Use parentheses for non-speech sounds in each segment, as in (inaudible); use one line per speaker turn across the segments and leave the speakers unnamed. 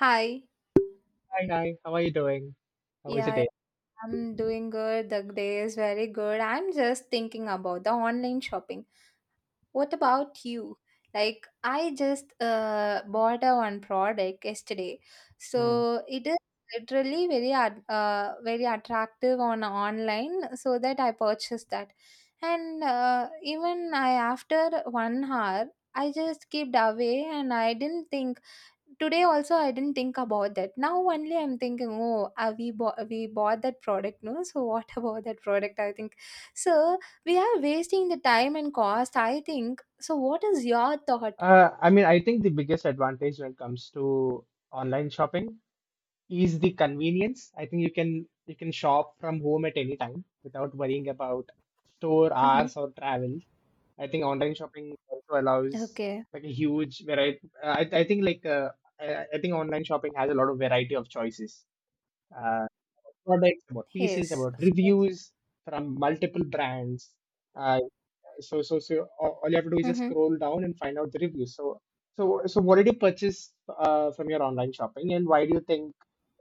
Hi.
Hi, hi. How are you doing? How was your
Yeah,
day?
I'm doing good. The day is very good. I'm just thinking about the online shopping. What about you? Like, I just bought a one product yesterday.
Hmm.
So it is literally very very attractive on online, so that I purchased that. And even I, after 1 hour, I just kept away and I didn't think today also, I didn't think about that. Now only I'm thinking, oh, we bought that product, no? So what (laughs) about that product, I think. So we are wasting the time and cost, I think. So what is your thought?
I mean, I think the biggest advantage when it comes to online shopping is the convenience. I think you can shop from home at any time without worrying about store
Mm-hmm.
hours or travel. I think online shopping also allows
Okay.
like a huge variety. I think like I think online shopping has a lot of variety of choices. Uh, Products about pieces
Yes,
about
of course.
reviews from multiple brands. Uh, so all you have to do is just
Mm-hmm.
scroll down and find out the reviews. So what did you purchase from your online shopping, and why do you think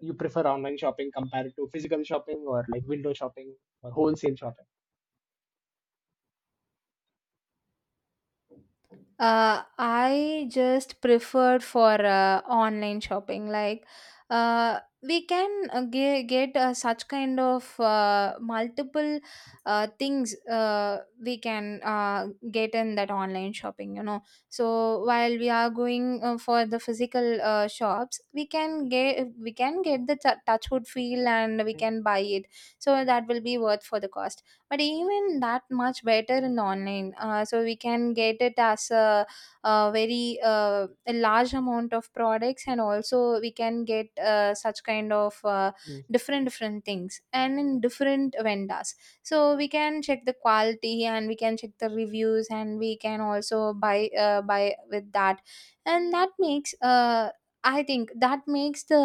you prefer online shopping compared to physical shopping, or like window shopping or wholesale shopping?
I just preferred for online shopping. Like, we can get such kind of multiple things uh,, we can get in that online shopping. So while we are going for the physical shops, we can get the touchwood feel and we can buy it. So that will be worth for the cost, but even that much better in online, so we can get it as a very a large amount of products, and also we can get such kind of
Mm, mm,
different different things and in different vendors. So we can check the quality and we can check the reviews, and we can also buy buy with that. And that makes I think that makes the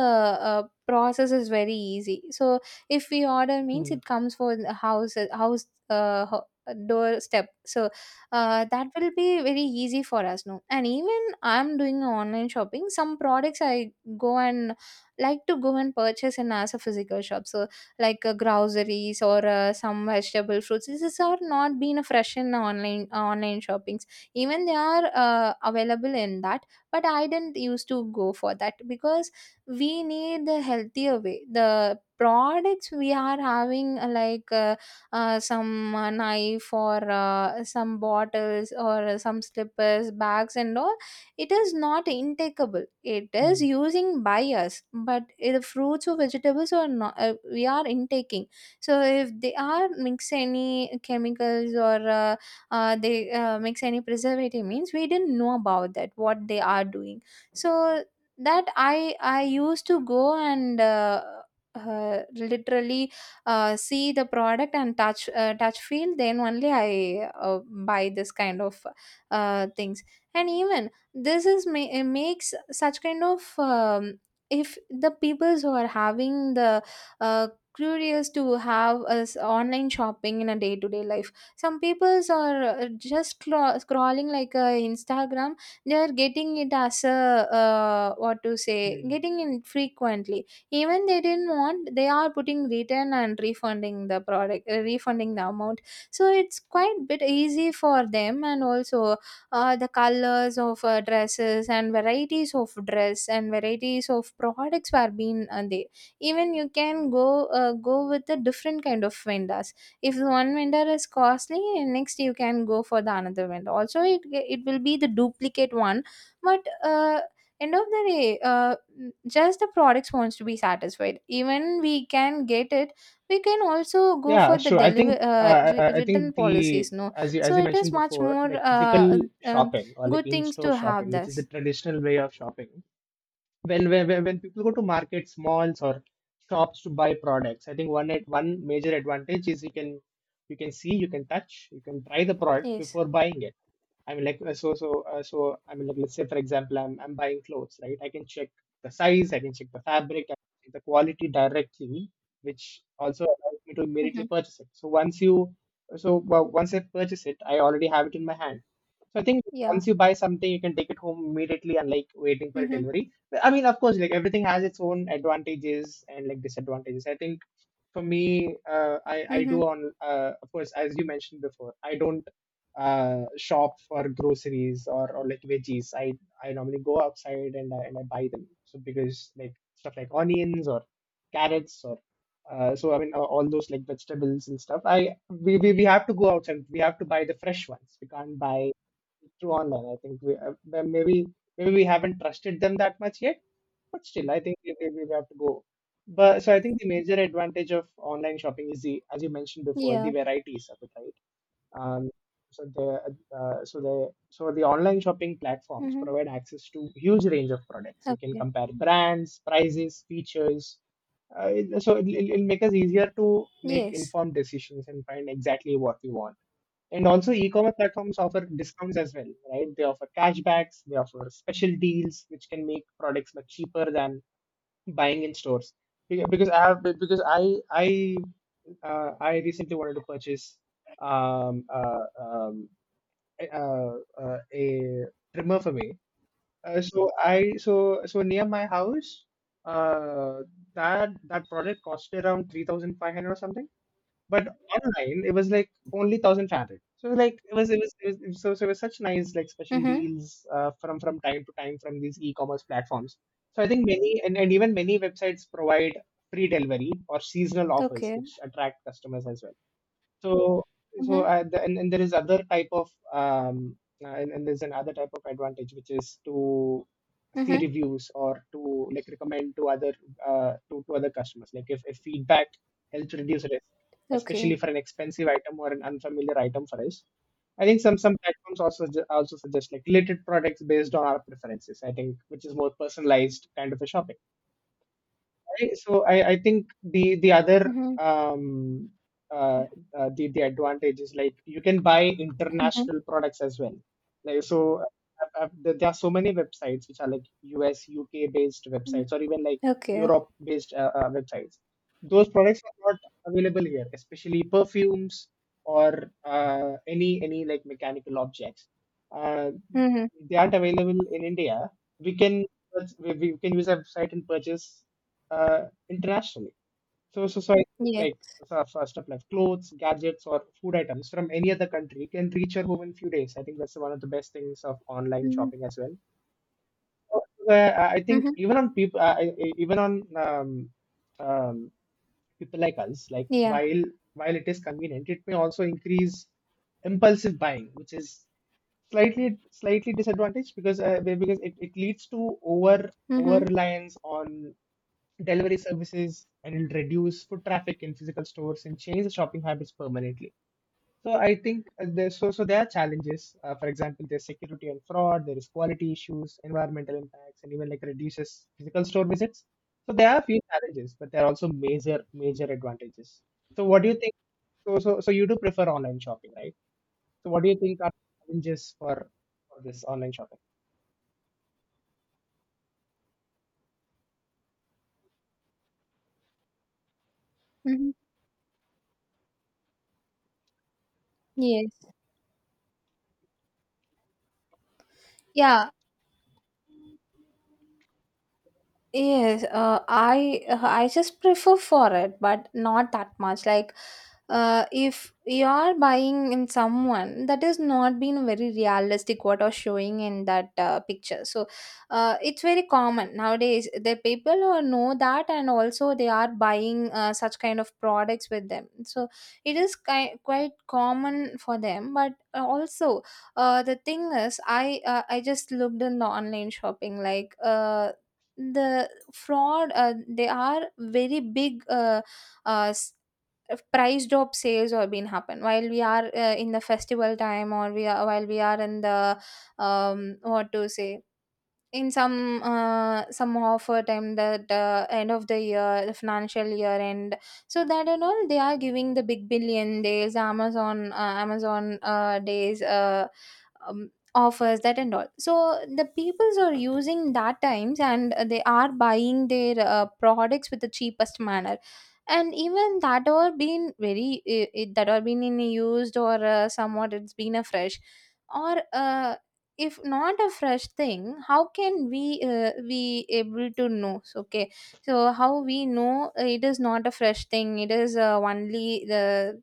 process is very easy. So if we order means, it comes for the house doorstep. So that will be very easy for us, no? And even I'm doing online shopping, some products I go and like to go and purchase in as a physical shop. So like groceries or some vegetable fruits, this is are not being fresh in online shoppings. Even they are available in that, but I didn't used to go for that because we need the healthier way. The products we are having, like, some knife or some bottles or some slippers, bags and all, it is not intakeable, it
mm,
is
mm,
using by us. But the fruits or vegetables are not we are intaking. So if they are mix any chemicals or they mix any preservative means, we didn't know about that, what they are doing. So that I used to go and literally see the product and touch touch feel, then only I buy this kind of things. And even this is it makes such kind of if the peoples who are having the uh, curious to have us online shopping in a day-to-day life, some peoples are just scrolling like Instagram, they are getting it as a, what to say,
mm.
getting it frequently, even they didn't want. They are putting return and refunding the product, refunding the amount. So it's quite bit easy for them. And also, the colors of dresses and varieties of dress and varieties of products were being there. Even you can go go with the different kind of vendors. If one vendor is costly, next you can go for the another vendor, also it will be the duplicate one. But end of the day, just the products wants to be satisfied, even we can get it. We can also go
Yeah,
for the
sure. I
deliver
think uh, i I- I
written
think the,
policies, no?
as
So
you
it
mentioned
is much
before,
more
like physical
um,
shopping or like
good things
in-store
to have
shopping, which is the
this.
traditional way of shopping, when when people go to markets, malls or shops to buy products, I think one major advantage is you can see, you can touch, you can try the product
Yes.
before buying it. I mean, like I mean, like let's say for example, I'm buying clothes, right? I can check the size, I can check the fabric, I can check the quality directly, which also allows me to immediately
Mm-hmm.
purchase it. So once you, so well, Once I purchase it, I already have it in my hand. So I think
Yeah.
once you buy something, you can take it home immediately, and like waiting for a
Mm-hmm.
delivery. I mean, of course, like everything has its own advantages and like disadvantages. I think for me, I do
Mm-hmm.
on of course, as you mentioned before, I don't shop for groceries or like veggies. I normally go outside and I buy them. So because like stuff like onions or carrots or all those like vegetables and stuff. I we have to go outside. We have to buy the fresh ones. We can't buy through online. I think we maybe maybe we haven't trusted them that much yet, but still I think we have to go. But so I think the major advantage of online shopping is the, as you mentioned before, the
Yeah.
varieties of it, right? Um, so the online shopping platforms
Mm-hmm.
provide access to huge range of products. You can
Okay.
compare brands, prices, features. It'll make us easier to make
Yes.
informed decisions and find exactly what we want. And also, e-commerce platforms offer discounts as well, right? They offer cashbacks, they offer special deals, which can make products much cheaper than buying in stores. Beca- because I have because I recently wanted to purchase um, uh, um, a, uh, a trimmer for me. So I so so near my house, uh, that that product cost around 3,500 or something, but online it was like only 1500. So like it was it was, it was it- was- so, so it was such nice like special
Mm-hmm.
deals from time to time from these e-commerce platforms. So I think many, and even many websites provide free delivery or seasonal offers
Okay.
which attract customers as well. so, so
mm-hmm.
uh, the, and, and there is other type of and there's another type of advantage, which is to see
Mm-hmm.
reviews or to like recommend to other to other customers. Like if feedback helps reduce risk, especially
okay
for an expensive item or an unfamiliar item for us. I think some platforms also suggest like related products based on our preferences, I think, which is more personalized kind of a shopping. Right. So I think the other
mm-hmm.
uh, the advantage is like you can buy
Mm-hmm.
international products as well. Like so, there there are so many websites which are like US, UK based websites, or
Mm-hmm.
even like
Okay.
Europe based websites. Those products are not available here, especially perfumes or any like mechanical objects uh,
Mm-hmm.
they aren't available in India. We can we can use our website and purchase internationally. So I think
Yes.
like so for stuff like clothes, gadgets, or food items from any other country can reach your home in few days. I think that's one of the best things of online
Mm-hmm.
shopping as well. So, Uh, I think
Mm-hmm.
even on people, even on um, um, people like us. Like
Yeah.
while it is convenient, it may also increase impulsive buying, which is slightly slightly disadvantaged, because because it leads to over over
Mm-hmm.
reliance on delivery services, and it'll reduce foot traffic in physical stores and change the shopping habits permanently. So I think there, so so there are challenges. For example, there's security and fraud, there is quality issues, environmental impacts, and even like reduces physical store visits. So there are few challenges, but there are also major major advantages. So what do you think? So you do prefer online shopping, right? So what do you think are challenges for this online shopping?
Mm-hmm. Yes. Yeah. Yes, I I just prefer for it, but not that much. Like, if you are buying in someone that is not being very realistic, what are showing in that picture. So, it's very common nowadays. The people who know that, and also they are buying such kind of products with them. So, it is quite common for them. But also, the thing is, I just looked in the online shopping like. The fraud, they are very big, uh, s- price drop sales or been happen while we are in the festival time, or we are in the, what to say, in some of a time that, end of the year, the financial year end. So that and all, they are giving the big billion days, Amazon days offers, that and all. So the peoples are using that times and they are buying their products with the cheapest manner. And even that are been very it, that are been in used, or somewhat it's been a fresh, or if not a fresh thing, how can we be able to know. So, okay, so how we know it is not a fresh thing, it is only the